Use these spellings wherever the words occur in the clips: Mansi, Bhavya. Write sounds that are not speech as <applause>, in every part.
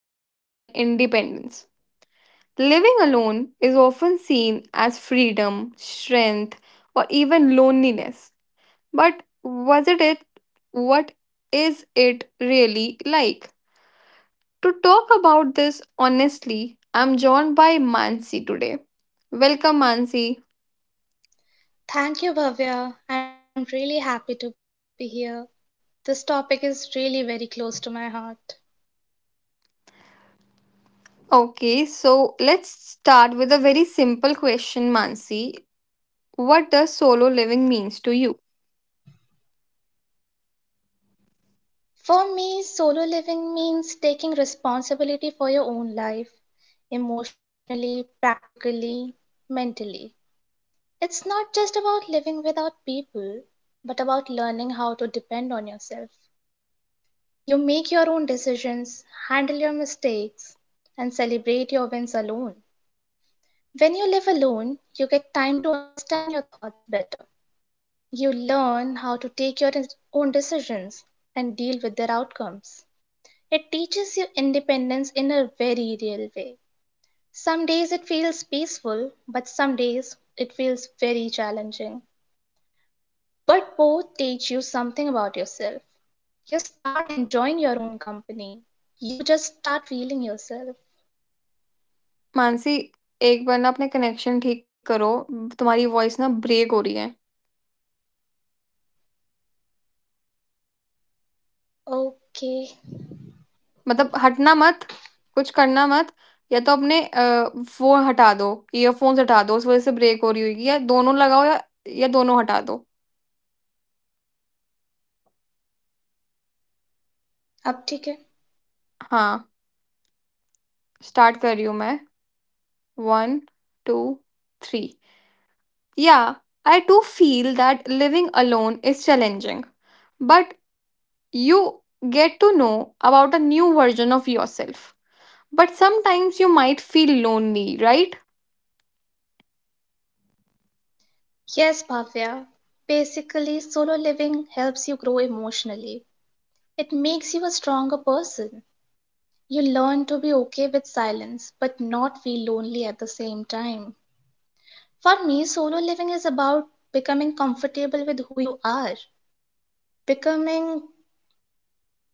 living and independence. Living alone is often seen as freedom, strength, or even loneliness. But was it? What is it really like? To talk about this honestly, I'm joined by Mansi today. Welcome, Mansi. Thank you, Bhavya. I'm really happy to be here. This topic is really very close to my heart. Okay, so let's start with a very simple question, Mansi. What does solo living means to you? For me, solo living means taking responsibility for your own life, emotionally, practically, mentally. It's not just about living without people, but about learning how to depend on yourself. You make your own decisions, handle your mistakes, and celebrate your wins alone. When you live alone, you get time to understand your thoughts better. You learn how to take your own decisions and deal with their outcomes. It teaches you independence in a very real way. Some days it feels peaceful, but some days it feels very challenging. But both teach you something about yourself. You start enjoying your own company. You just start feeling yourself. Mansi एक बार ना अपने connection ठीक करो, तुम्हारी voice ना break हो रही है, Okay, मतलब हटना मत, कुछ करना मत, या तो अपने फोन हटा दो, ईयरफोन्स हटा दो, उस वजह से ब्रेक हो रही होगी, या दोनों लगाओ, या दोनों हटा दो। अब ठीक है? हाँ, स्टार्ट कर रही हूँ मैं। One, two, three. Yeah, I too feel that living alone is challenging, but you get to know about a new version of yourself. But sometimes you might feel lonely, right? Yes, Bhavya. Basically, solo living helps you grow emotionally. It makes you a stronger person. You learn to be okay with silence, but not feel lonely at the same time. For me, solo living is about becoming comfortable with who you are, becoming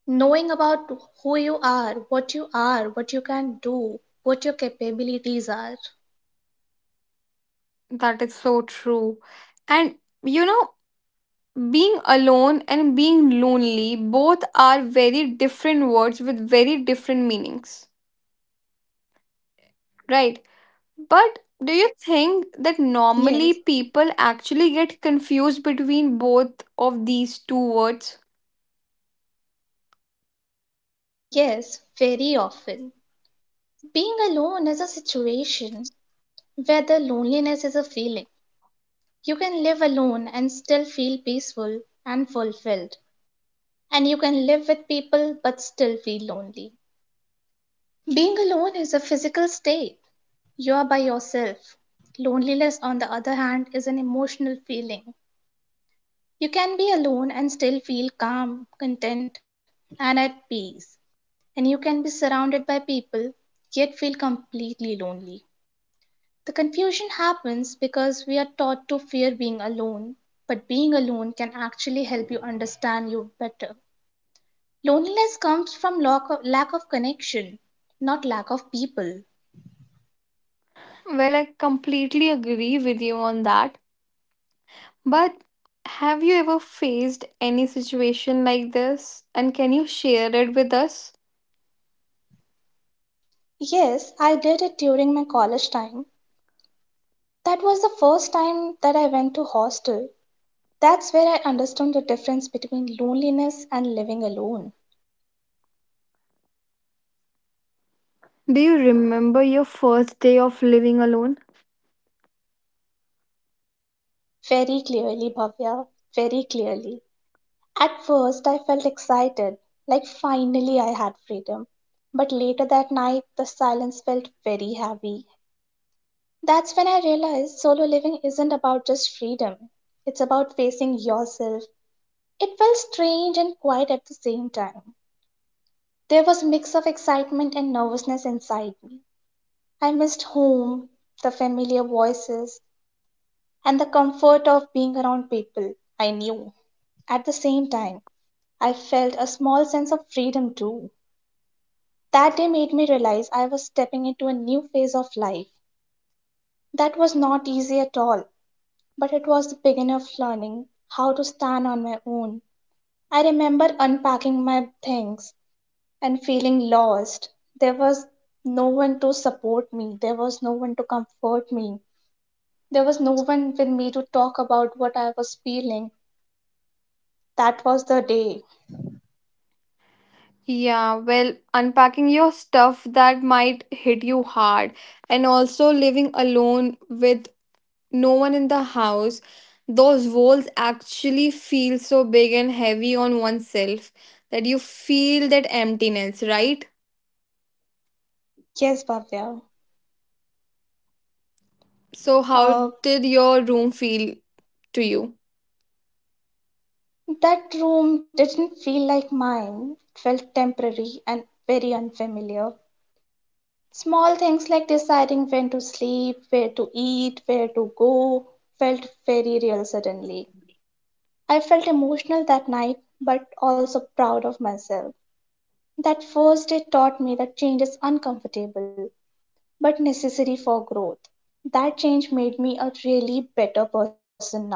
knowing about who you are, what you are, what you can do, what your capabilities are. That is so true. And you know, being alone and being lonely both are very different words with very different meanings, right? But do you think that normally Yes, people actually get confused between both of these two words? yes, very often. Being alone is a situation where the loneliness is a feeling. You can live alone and still feel peaceful and fulfilled, and you can live with people but still feel lonely. Being alone is a physical state, you are by yourself. Loneliness, on the other hand, is an emotional feeling. You can be alone and still feel calm, content, and at peace. And you can be surrounded by people yet feel completely lonely. The confusion happens because we are taught to fear being alone, but being alone can actually help you understand you better. Loneliness comes from lack of connection, not lack of people. Well, I completely agree with you on that. But have you ever faced any situation like this? And can you share it with us? Yes, I did it during my college time. That was the first time that I went to hostel. That's where I understood the difference between loneliness and living alone. Do you remember your first day of living alone? Very clearly, Bhavya, very clearly. At first, I felt excited, like finally I had freedom. But later that night, the silence felt very heavy. That's when I realized solo living isn't about just freedom, it's about facing yourself. It felt strange and quiet at the same time. There was a mix of excitement and nervousness inside me. I missed home, the familiar voices, and the comfort of being around people I knew. At the same time, I felt a small sense of freedom too. That day made me realize I was stepping into a new phase of life. That was not easy at all, but it was the beginning of learning how to stand on my own. I remember unpacking my things and feeling lost. There was no one to support me, there was no one to comfort me, there was no one with me to talk about what I was feeling. That was the day. Yeah, well, unpacking your stuff that might hit you hard, and also living alone with no one in the house, those walls actually feel so big and heavy on oneself that you feel that emptiness, right? Yes, Bhavya. So, how Uh, did your room feel to you? that room didn't feel like mine, it felt temporary and very unfamiliar. Small things like deciding when to sleep, where to eat, where to go felt very real suddenly. I felt emotional that night, but also proud of myself. That first day taught me that change is uncomfortable, but necessary for growth. That change made me a really better person now.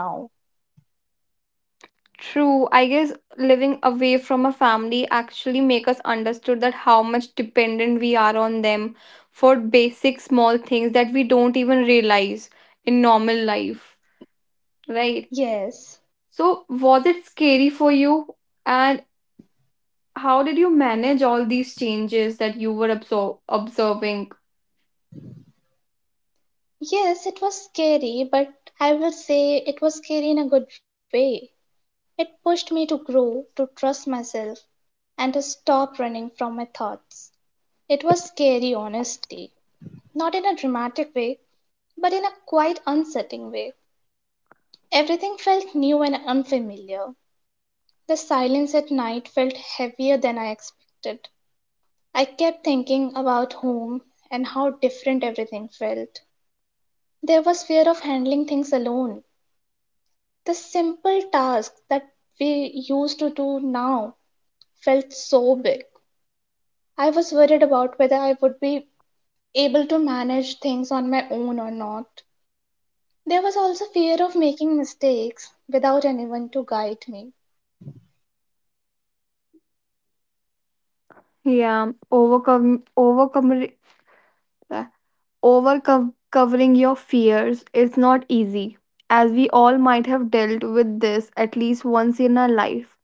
True, I guess living away from a family actually make us understood that how much dependent we are on them for basic small things that we don't even realize in normal life, right? Yes. So, was it scary for you? And how did you manage all these changes that you were observing? Yes, it was scary, but I will say it was scary in a good way. It pushed me to grow, to trust myself, and to stop running from my thoughts. It was scary, honestly. Not in a dramatic way, but in a quite unsettling way. Everything felt new and unfamiliar. The silence at night felt heavier than I expected. I kept thinking about home and how different everything felt. There was fear of handling things alone. The simple tasks that we used to do now felt so big. I was worried about whether I would be able to manage things on my own or not. There was also fear of making mistakes without anyone to guide me. Yeah, overcome overcome uh, overcome covering your fears is not easy, as we all might have dealt with this at least once in our life,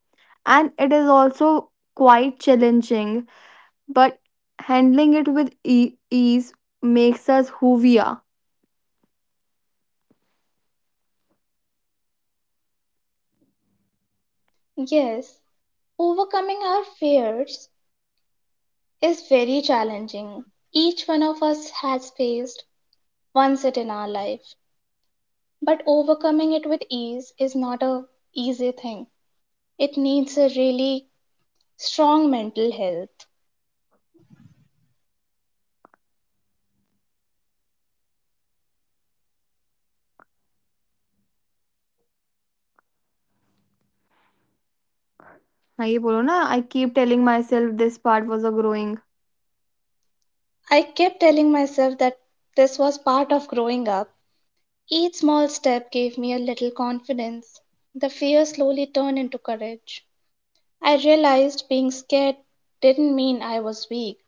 and it is also quite challenging, but handling it with ease makes us who we are. Yes, overcoming our fears is very challenging. Each one of us has faced once it in our life, but overcoming it with ease is not a easy thing. It needs a really strong mental health. हाँ ये बोलो ना, I keep telling myself this part was a growing. I kept telling myself that this was part of growing up. Each small step gave me a little confidence. The fear slowly turned into courage. I realized being scared didn't mean I was weak.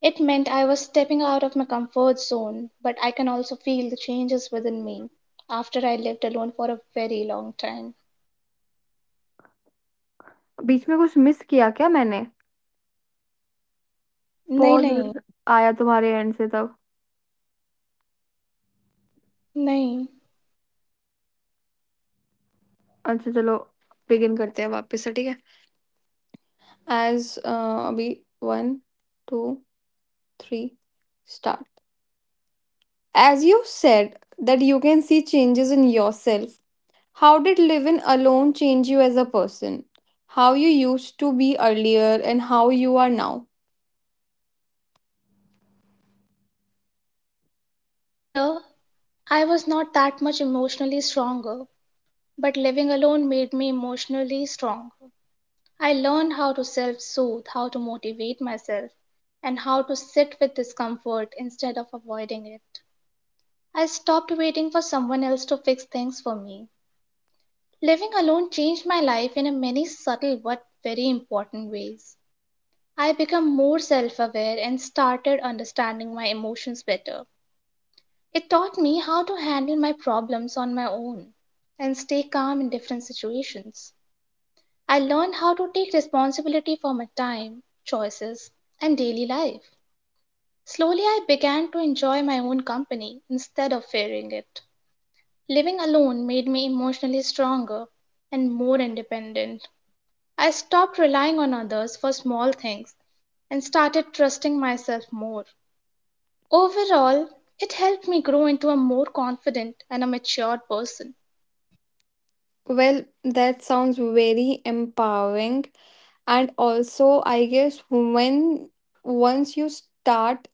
It meant I was stepping out of my comfort zone, but I can also feel the changes within me after I lived alone for a very long time. बीच में कुछ miss किया क्या मैंने? Nay, nay, Pause आया तुम्हारे end से तब। Nay. अच्छा चलो, begin करते हैं वापिस, ठीक है? As अभी। One, two, three, start. As you said that you can see changes in yourself, how did living alone change you as a person, how you used to be earlier and how you are now? Earlier, I was not that much emotionally stronger, but living alone made me emotionally strong. I learned how to self soothe, how to motivate myself, and how to sit with discomfort instead of avoiding it. I stopped waiting for someone else to fix things for me. Living alone changed my life in a many subtle but very important ways. I became more self aware and started understanding my emotions better. It taught me how to handle my problems on my own and stay calm in different situations. I learned how to take responsibility for my time, choices, and daily life. Slowly, I began to enjoy my own company instead of fearing it. Living alone made me emotionally stronger and more independent. I stopped relying on others for small things and started trusting myself more. Overall, it helped me grow into a more confident and a matured person. Well, that sounds very empowering. And also, I guess when once you start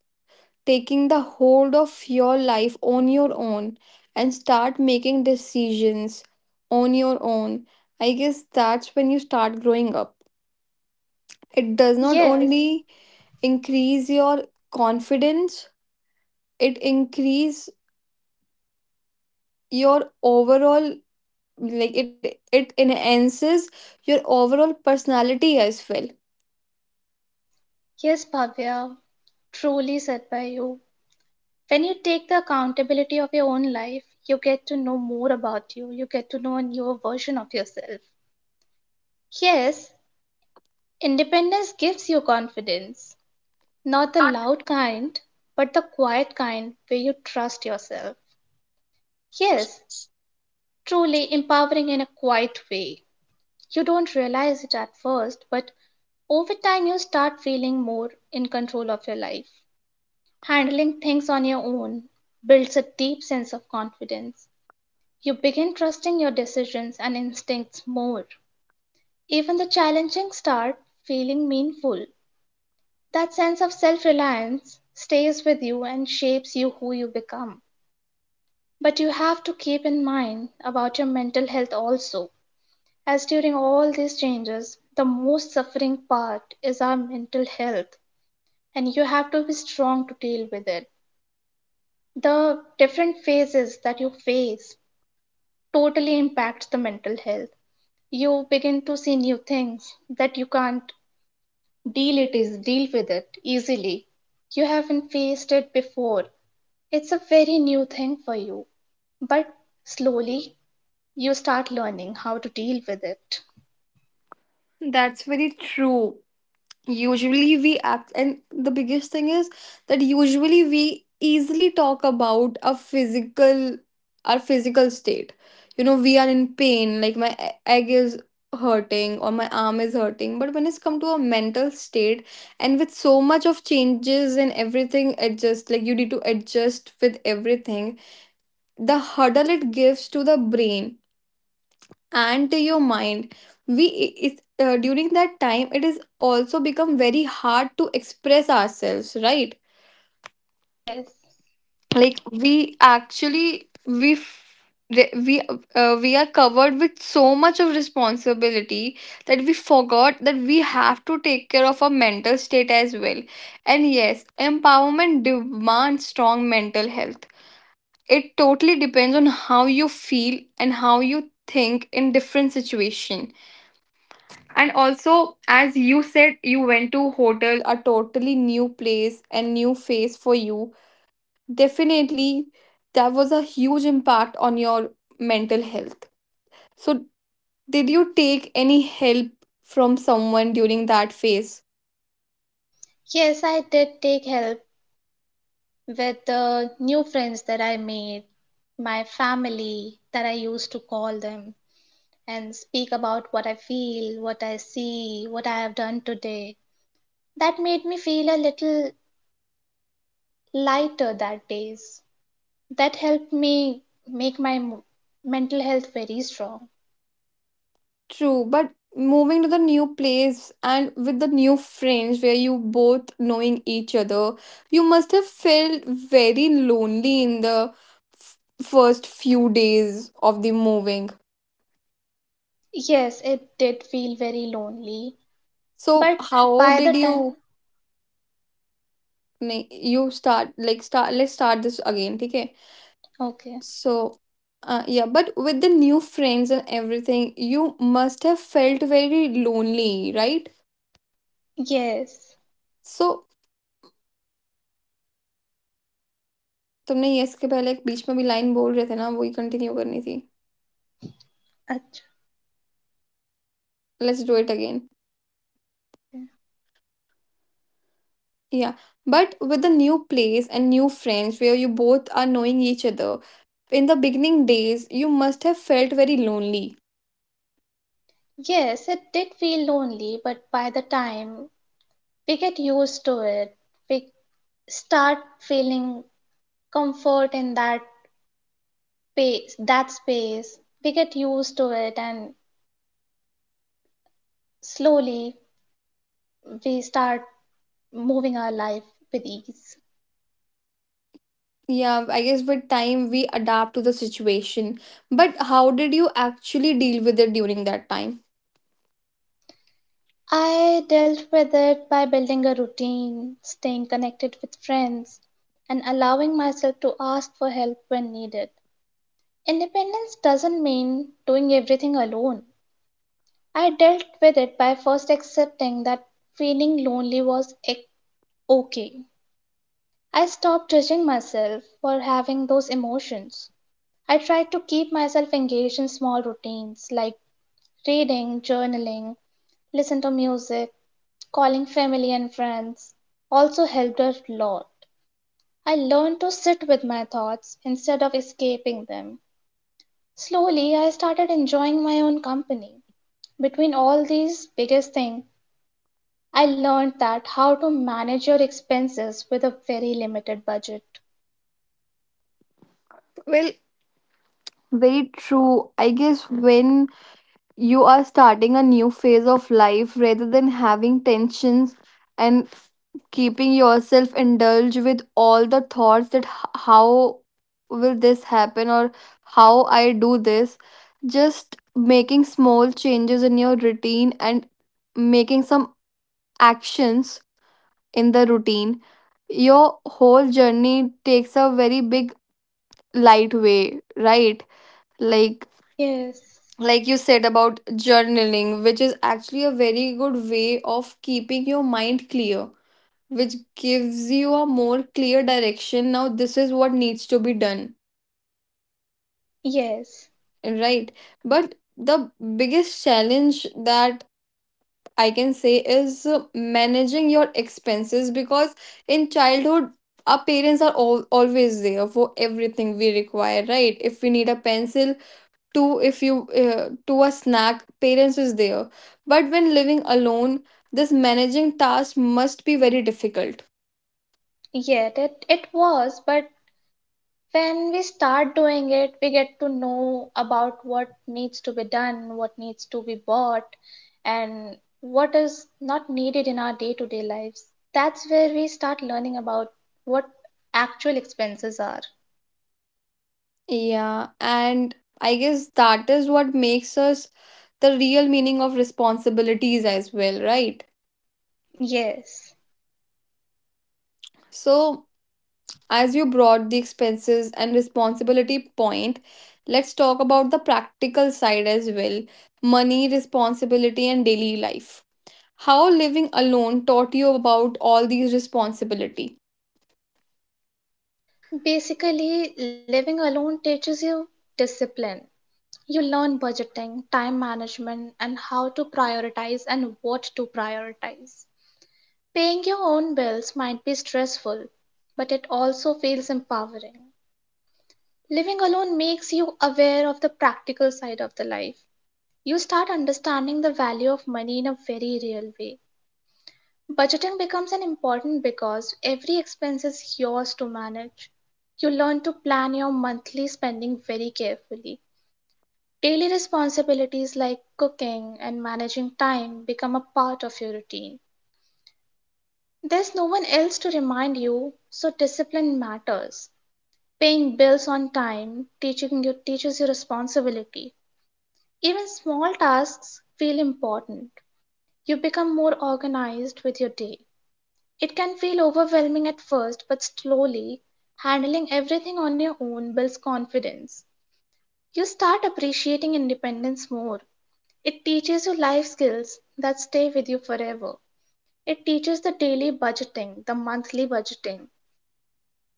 taking the hold of your life on your own and start making decisions on your own. I guess that's when you start growing up. It does not Yes, only increase your confidence, it increase your overall, like it enhances your overall personality as well. yes, Bhavya, truly said by you. When you take the accountability of your own life, you get to know more about you, you get to know a newer version of yourself. Yes, independence gives you confidence, not the loud kind, but the quiet kind where you trust yourself. Yes, truly empowering in a quiet way. You don't realize it at first, but over time you start feeling more in control of your life. Handling things on your own builds a deep sense of confidence. You begin trusting your decisions and instincts more. Even the challenging start feeling meaningful. That sense of self reliance stays with you and shapes you who you become. But you have to keep in mind about your mental health also, as during all these changes, the most suffering part is our mental health, and you have to be strong to deal with it. The different phases that you face totally impact the mental health. You begin to see new things that you can't deal with it easily. You haven't faced it before. It's a very new thing for you, but slowly you start learning how to deal with it. That's very true. Usually we act, and the biggest thing is that usually we easily talk about a physical, our physical state. You know, we are in pain, like my egg is hurting or my arm is hurting, but when it's come to a mental state and with so much of changes and everything adjust, like you need to adjust with everything, the hurdle it gives to the brain and to your mind, during that time it is also become very hard to express ourselves, right? yes Like, we actually we f- re- we are covered with so much of responsibility that we forgot that we have to take care of our mental state as well. And yes, empowerment demands strong mental health. It totally depends on how you feel and how you think in different situation. And also, as you said, you went to hotel, a totally new place and new face for you. Definitely, that was a huge impact on your mental health. So, did you take any help from someone during that phase? yes I did take help with the new friends that I made, my family that I used to call them and speak about what I feel, what I see, what I have done today. That made me feel a little lighter that days. That helped me make my mental health very strong. True, but moving to the new place and with the new friends where you both knowing each other, you must have felt very lonely in the first few days of the moving. Yes, it did feel very lonely, So but how by the did time you, na- you start like start let's start this again, okay? okay. So, yeah, but with the new friends and everything, you must have felt very lonely, right? Yes. So तुमने ये के पहले एक बीच में भी line बोल रहे थे ना, वही कंटिन्यू करनी थी। Ach- Let's do it again. Okay. Yeah, but with the new place and new friends where you both are knowing each other, in the beginning days, you must have felt very lonely. Yes, it did feel lonely, but by the time we get used to it, we start feeling comfort in that space. We get used to it and slowly we start moving our life with ease. Yeah, I guess with time we adapt to the situation. But how did you actually deal with it during that time? I dealt with it by building a routine, staying connected with friends, and allowing myself to ask for help when needed. Independence doesn't mean doing everything alone. I dealt with it by first accepting that feeling lonely was ec- okay. I stopped judging myself for having those emotions. I tried to keep myself engaged in small routines like reading, journaling, listen to music. Calling family and friends also helped a lot. I learned to sit with my thoughts instead of escaping them. Slowly, I started enjoying my own company. Between all these biggest thing, I learned that how to manage your expenses with a very limited budget. Well, very true. I guess when you are starting a new phase of life, rather than having tensions and keeping yourself indulged with all the thoughts that how will this happen or how I do this, just making small changes in your routine and making some actions in the routine, your whole journey takes a very big light way, right? Like Yes, like you said about journaling, which is actually a very good way of keeping your mind clear, which gives you a more clear direction. Now this is what needs to be done, yes, right? But the biggest challenge that I can say is, managing your expenses because in childhood, our parents are always there for everything we require, right? If we need a pencil to, if you to a snack, parents is there. But when living alone, this managing task must be very difficult. yet it was, but when we start doing it, we get to know about what needs to be done, what needs to be bought, and what is not needed in our day to day lives. That's where we start learning about what actual expenses are. Yeah, and I guess that is what makes us the real meaning of responsibilities as well, right? Yes. So, as you brought the expenses and responsibility point, let's talk about the practical side as well, money, responsibility, and daily life. How living alone taught you about all these responsibility. Basically, living alone teaches you discipline. You learn budgeting, time management, and how to prioritize and what to prioritize. Paying your own bills might be stressful, but it also feels empowering. Living alone makes you aware of the practical side of the life. You start understanding the value of money in a very real way. Budgeting becomes an important because every expense is yours to manage. You learn to plan your monthly spending very carefully. Daily responsibilities like cooking and managing time become a part of your routine. There's no one else to remind you, so discipline matters. Paying bills on time, teaching your teaches your responsibility. Even small tasks feel important. You become more organized with your day. It can feel overwhelming at first, but slowly, handling everything on your own builds confidence. You start appreciating independence more. It teaches you life skills that stay with you forever. It teaches the daily budgeting, the monthly budgeting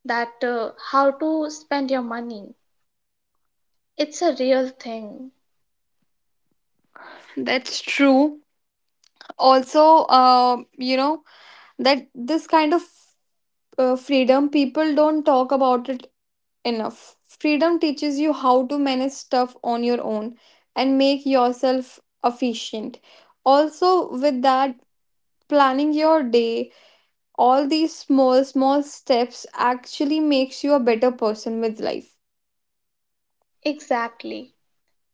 that how to spend your money. It's a real thing. That's true. Also, uh, you know, that this kind of freedom, people don't talk about it enough. Freedom teaches you how to manage stuff on your own and make yourself efficient. Also, with that, planning your day, all these small small steps actually makes you a better person with life. Exactly.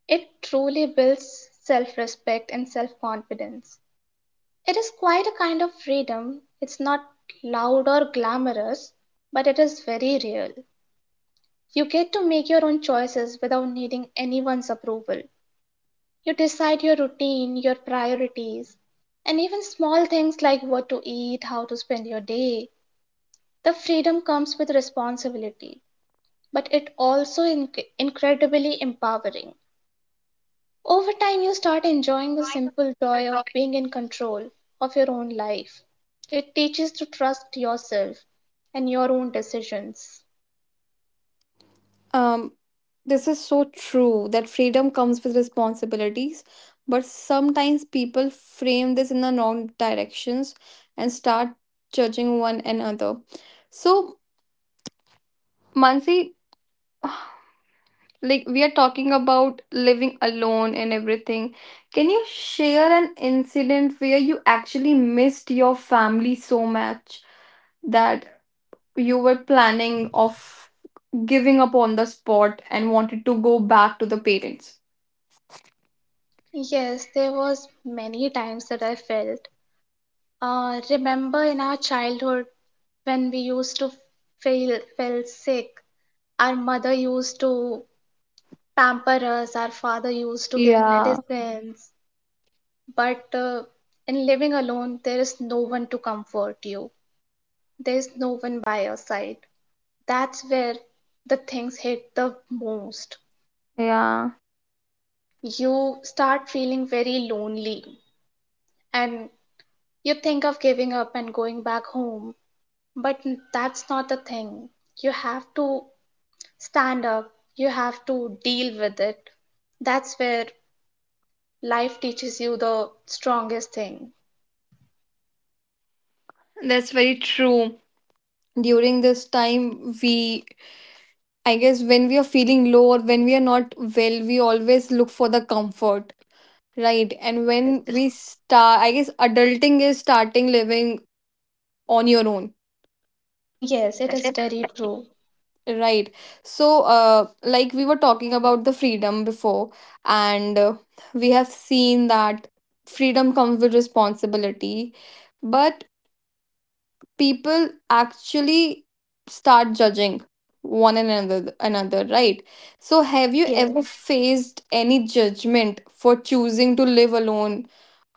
It truly builds self respect and self confidence. It is quite a kind of freedom. It's not loud or glamorous, but it is very real. You get to make your own choices without needing anyone's approval. You decide your routine, your priorities, and even small things like what to eat, how to spend your day. The freedom comes with responsibility, but it also incredibly empowering. Over time, you start enjoying the simple joy of being in control of your own life. It teaches to trust yourself and your own decisions. um this is so true that freedom comes with responsibilities, but sometimes people frame this in the wrong directions and start judging one another. So, Mansi, like we are talking about living alone and everything, can you share an incident where you actually missed your family so much that you were planning of giving up on the spot and wanted to go back to the parents? Yes, there was many times that I felt. Remember in our childhood when we used to feel felt sick, our mother used to pamper us, our father used to give Yeah, medicines. But in living alone, there is no one to comfort you. There is no one by your side. That's where the things hit the most. yeah. You start feeling very lonely and you think of giving up and going back home. But that's not the thing. You have to stand up, you have to deal with it. That's where life teaches you the strongest thing. That's very true. During this time, we, I guess, when we are feeling low or when we are not well, we always look for the comfort. Right. And Yes, when we start, I guess adulting is starting living on your own. yes, it That's is it. very true. Right. So, like we were talking about the freedom before, and we have seen that freedom comes with responsibility. But people actually start judging one another, right? So have you Yes. ever faced any judgment for choosing to live alone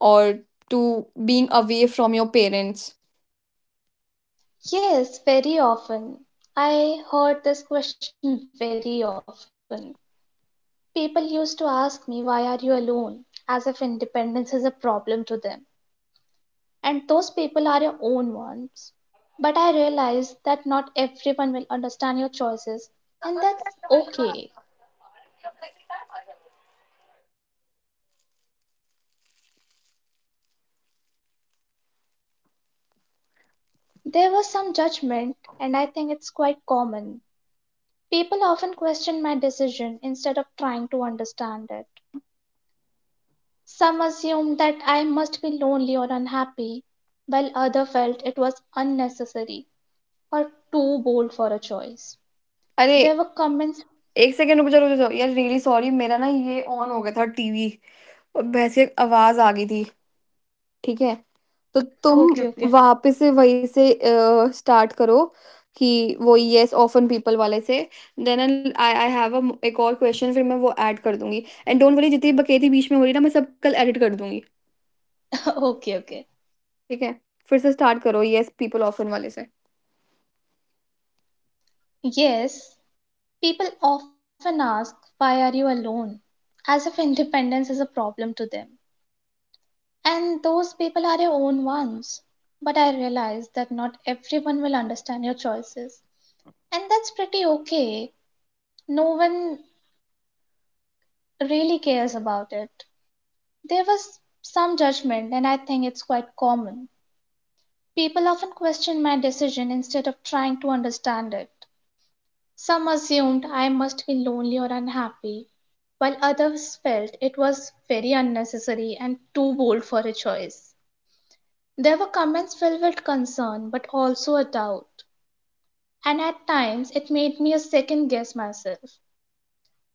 or to being away from your parents? Yes, very often. I heard this question very often. People used to ask me, "Why are you alone?" as if independence is a problem to them. And those people are your own ones. But I realized that not everyone will understand your choices, and that's okay. There was some judgment, and I think it's quite common. People often question my decision instead of trying to understand it. Some assumed that I must be lonely or unhappy, while others felt it was unnecessary or too bold for a choice. अरे, There were comments. एक second, रुक जा रुक जा, यार really sorry, मेरा ना ये ऑन हो गया था टीवी, और भैंस की आवाज आ गई थी। ठीक है, तो ओके, तुम Okay, ओके। okay. वापस से वहीं से अ, स्टार्ट करो, कि वो येस ऑफ़न पीपल वाले से। Then an, I, have a um, एक और क्वेश्चन, फिर मैं वो ऐड कर दूँगी। एंड डोंट वरी, जितनी बकैती बीच में हो रही है ना, मैं सब कल एडिट कर दूँगी, <laughs> okay, okay. ठीक है? फिर से स्टार्ट करो येस पीपल ऑफ़न वाले से। Yes, people often ask, "Why are you alone?" as if independence is a problem to them. And those people are your own ones. But I realize that not everyone will understand your choices. And that's pretty okay. No one really cares about it. There was some judgment, and I think it's quite common. People often question my decision instead of trying to understand it. Some assumed I must be lonely or unhappy, while others felt it was very unnecessary and too bold for a choice. There were comments filled with concern but also a doubt, and at times it made me a second guess myself.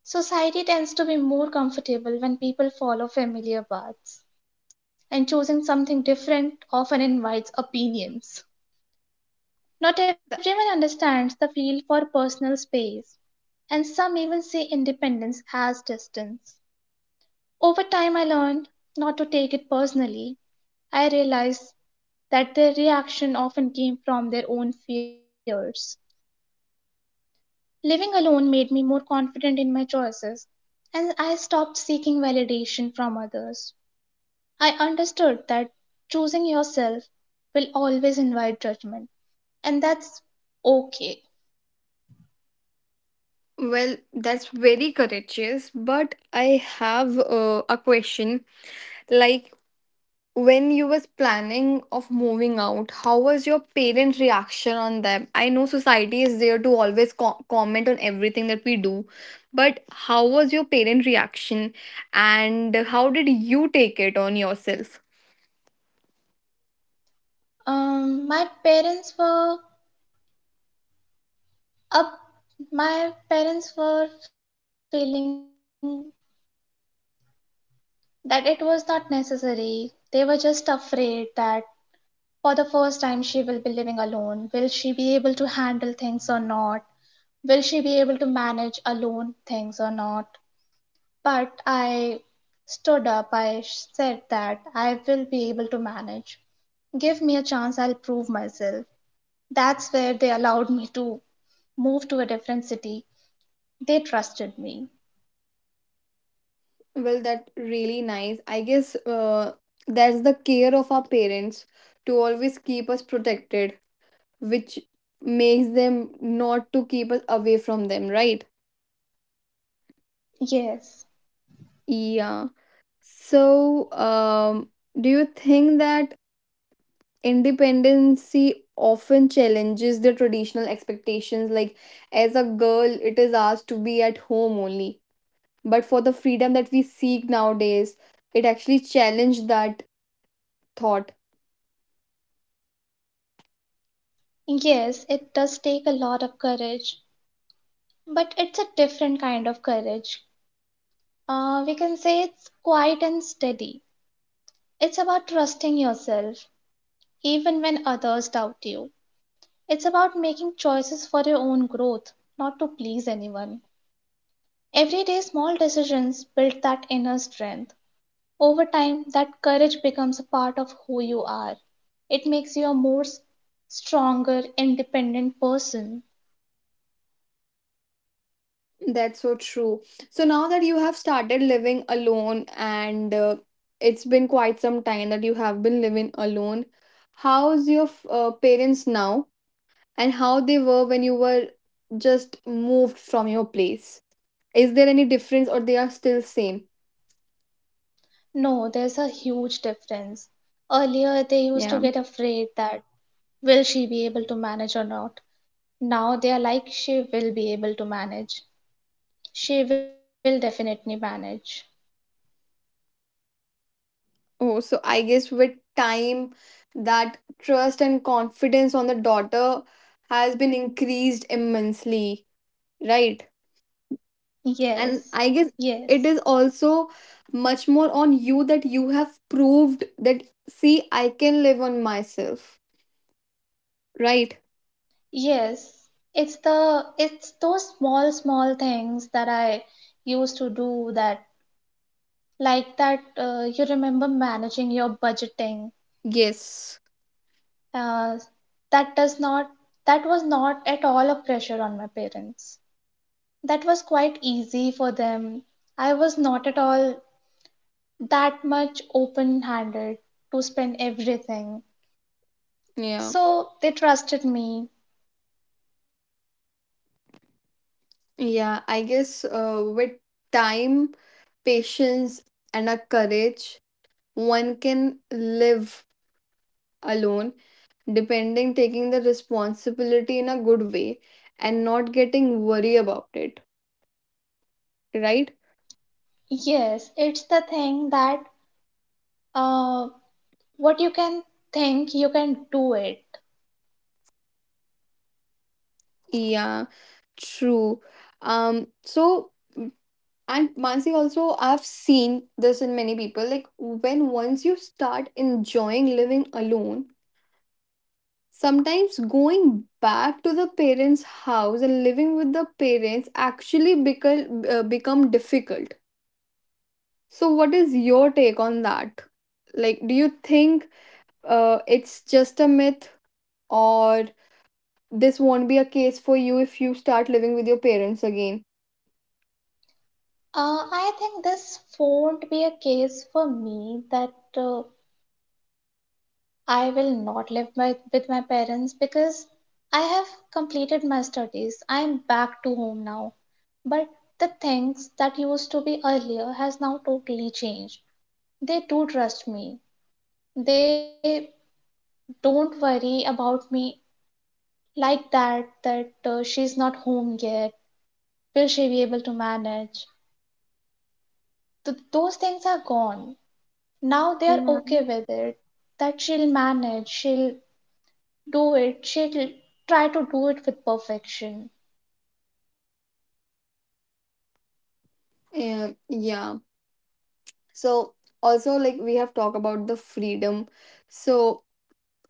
Society tends to be more comfortable when people follow familiar paths, and choosing something different often invites opinions. Not That everyone understands the feel for personal space, and some even say independence has distance. Over time, I learned not to take it personally. I realized that their reaction often came from their own fears. Living alone made me more confident in my choices, and I stopped seeking validation from others. I understood that choosing yourself will always invite judgment, and that's okay. well, that's very courageous, but I have, a question, like when you was planning of moving out, how was your parent reaction on them? I know society is there to always comment on everything that we do, but how was your parent reaction and how did you take it on yourself? My parents were up. My parents were feeling that it was not necessary. They were just afraid that for the first time she will be living alone. Will she be able to handle things or not? Will she be able to manage alone things or not? But I stood up. I said that I will be able to manage. Give me a chance, I'll prove myself. That's where they allowed me to move to a different city. They trusted me. Well, that really nice, I guess. That's the care of our parents to always keep us protected, which makes them not to keep us away from them, right? Yes, Yeah. So, do you think that independency often challenges the traditional expectations? Like, as a girl, it is asked to be at home only. But for the freedom that we seek nowadays, it actually challenged that thought. yes, it does take a lot of courage, but it's a different kind of courage. We can say it's quiet and steady. It's about trusting yourself, even when others doubt you. It's about making choices for your own growth, not to please anyone. Everyday small decisions build that inner strength. Over time, that courage becomes a part of who you are. It makes you a more stronger, independent person. That's so true. So, now that you have started living alone and it's been quite some time that you have been living alone, how's your parents now? And how they were when you were just moved from your place? Is there any difference, or they are still same? No, there's a huge difference. Earlier, they used to Yeah. get afraid that will she be able to manage or not. Now they are like, she will be able to manage. She will definitely manage. Oh, so I guess with time that trust and confidence on the daughter has been increased immensely, right? Yes, And I guess yes, it is also much more on you that you have proved that, see, I can live on myself, right? yes. It's those small small things that I used to do that, like that you remember managing your budgeting, Yes. uh, that does not, that was not at all a pressure on my parents, that was quite easy for them. I was not at all that much open handed to spend everything, Yeah. so they trusted me. Yeah, I guess with time, patience, and a courage, one can live alone, depending taking the responsibility in a good way and not getting worry about it, right? Yes, it's the thing that uh, what you can think you can do it. Yeah, true. So and Mansi, also, I've seen this in many people. Like, when once you start enjoying living alone, sometimes going back to the parents' house and living with the parents actually become difficult. So, what is your take on that? Like, do you think it's just a myth, or this won't be a case for you if you start living with your parents again? I think this won't be a case for me that uh, I will not live with my parents because I have completed my studies. I am back to home now. But the things that used to be earlier has now totally changed. They do trust me. They don't worry about me like that that she's not home yet. Will she be able to manage? Those things are gone. Now they are Yeah. okay with it. That she'll manage, she'll do it, she try to do it with perfection. Yeah, yeah. So also, like, we have talked about the freedom. So,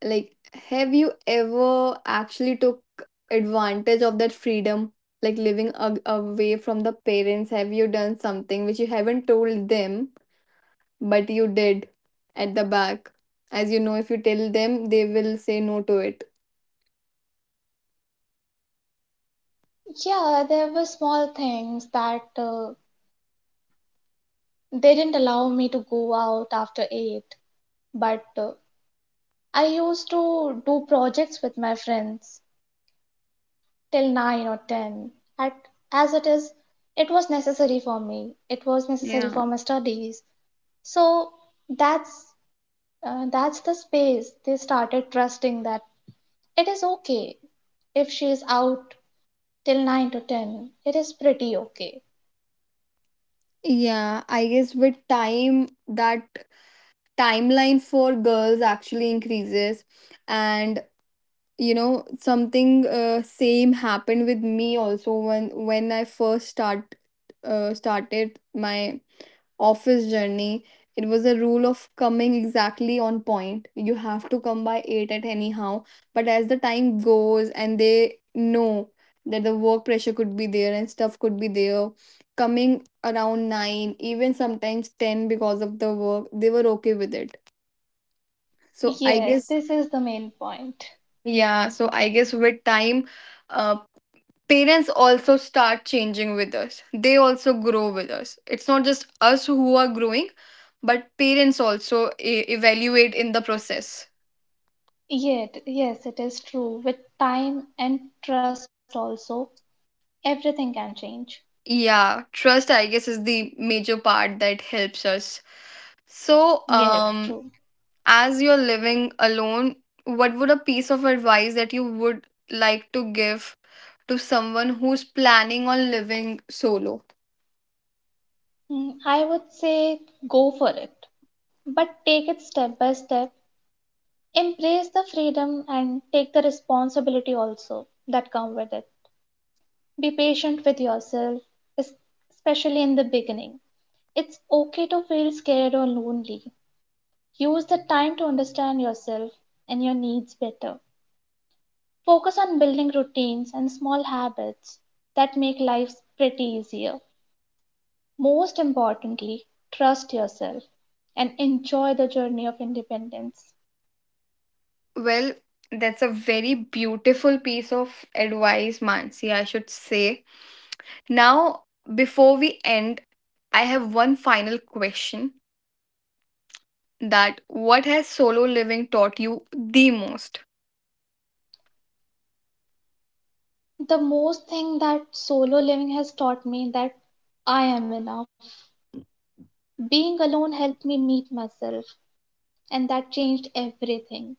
like, have you ever actually took advantage of that freedom? Like living a away from the parents, have you done something which you haven't told them but you did at the back? As you know, if you tell them, they will say no to it. Yeah, there were small things that they didn't allow me to go out after 8, but I used to do projects with my friends till 9 or 10, at as it is, it was necessary for me, it was necessary Yeah. for my studies. So that's, that's the space they started trusting that it is okay if she is out till 9 to 10, it is pretty okay. Yeah, I guess with time, that timeline for girls actually increases. And you know, something same happened with me also when I first start started my office journey. It was a rule of coming exactly on point. You have to come by 8 at anyhow. But as the time goes and they know that the work pressure could be there and stuff could be there, coming around 9, even sometimes 10 because of the work, they were okay with it. So I Yes, guess, this is the main point. yeah, so I guess with time, uh, parents also start changing with us. They also grow with us. It's not just us who are growing, but parents also e- evaluate in the process. Yet, yes, it is true. With time and trust, also, everything can change. Yeah, trust I guess is the major part that helps us. So Yes, true. as you're living alone, what would a piece of advice that you would like to give to someone who's planning on living solo? Mm, I would say go for it, but take it step by step. Embrace the freedom and take the responsibility also that come with it. Be patient with yourself, es- especially in the beginning. It's okay to feel scared or lonely. Use the time to understand yourself and your needs better. Focus on building routines and small habits that make life pretty easier. Most importantly, trust yourself and enjoy the journey of independence. Well, that's a very beautiful piece of advice, Mansi, I should say. Now, before we end, I have one final question, that what has solo living taught you the most? The most thing that solo living has taught me that I am enough. Being alone helped me meet myself and that changed everything.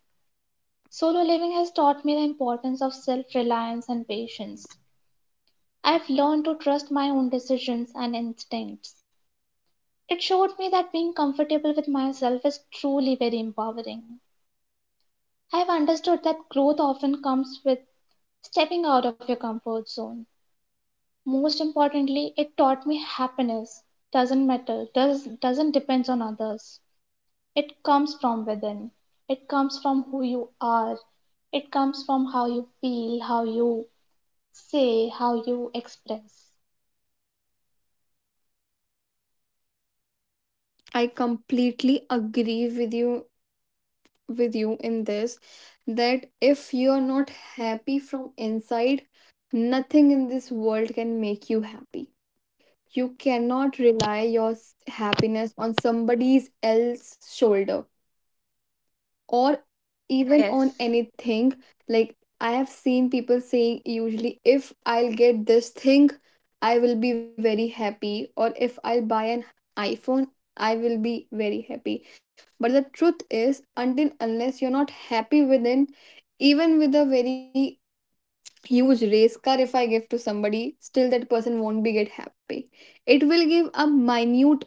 Solo living has taught me the importance of self-reliance and patience. I've learned to trust my own decisions and instincts. It showed me that being comfortable with myself is truly very empowering. I've understood that growth often comes with stepping out of your comfort zone. Most importantly, it taught me happiness doesn't matter, does, doesn't depend on others. It comes from within. It comes from who you are. It comes from how you feel, how you say, how you express. I completely agree with you, with you in this, that if you are not happy from inside, nothing in this world can make you happy. You cannot rely your s- happiness on somebody's else shoulder, or even on anything. Like, I have seen people saying, usually, if I'll get this thing, I will be very happy, or if I'll buy an iPhone, I will be very happy. But the truth is, until unless you're not happy within, even with a very huge race car, if I give to somebody, still that person won't be get happy. It will give a minute,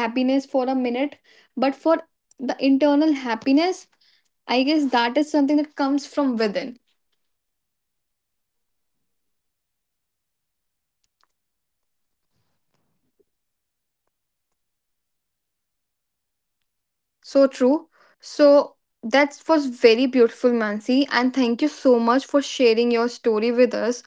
happiness for a minute, but for the internal happiness, I guess that is something that comes from within. So true. So that was very beautiful, Mansi. And thank you so much for sharing your story with us.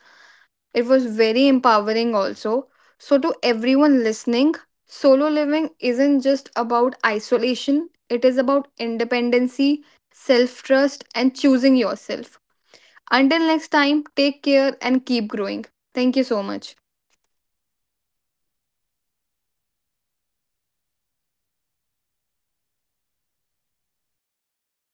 It was very empowering, also. So, to everyone listening, solo living isn't just about isolation, it is about independency, self trust, and choosing yourself. Until next time, take care and keep growing. Thank you so much.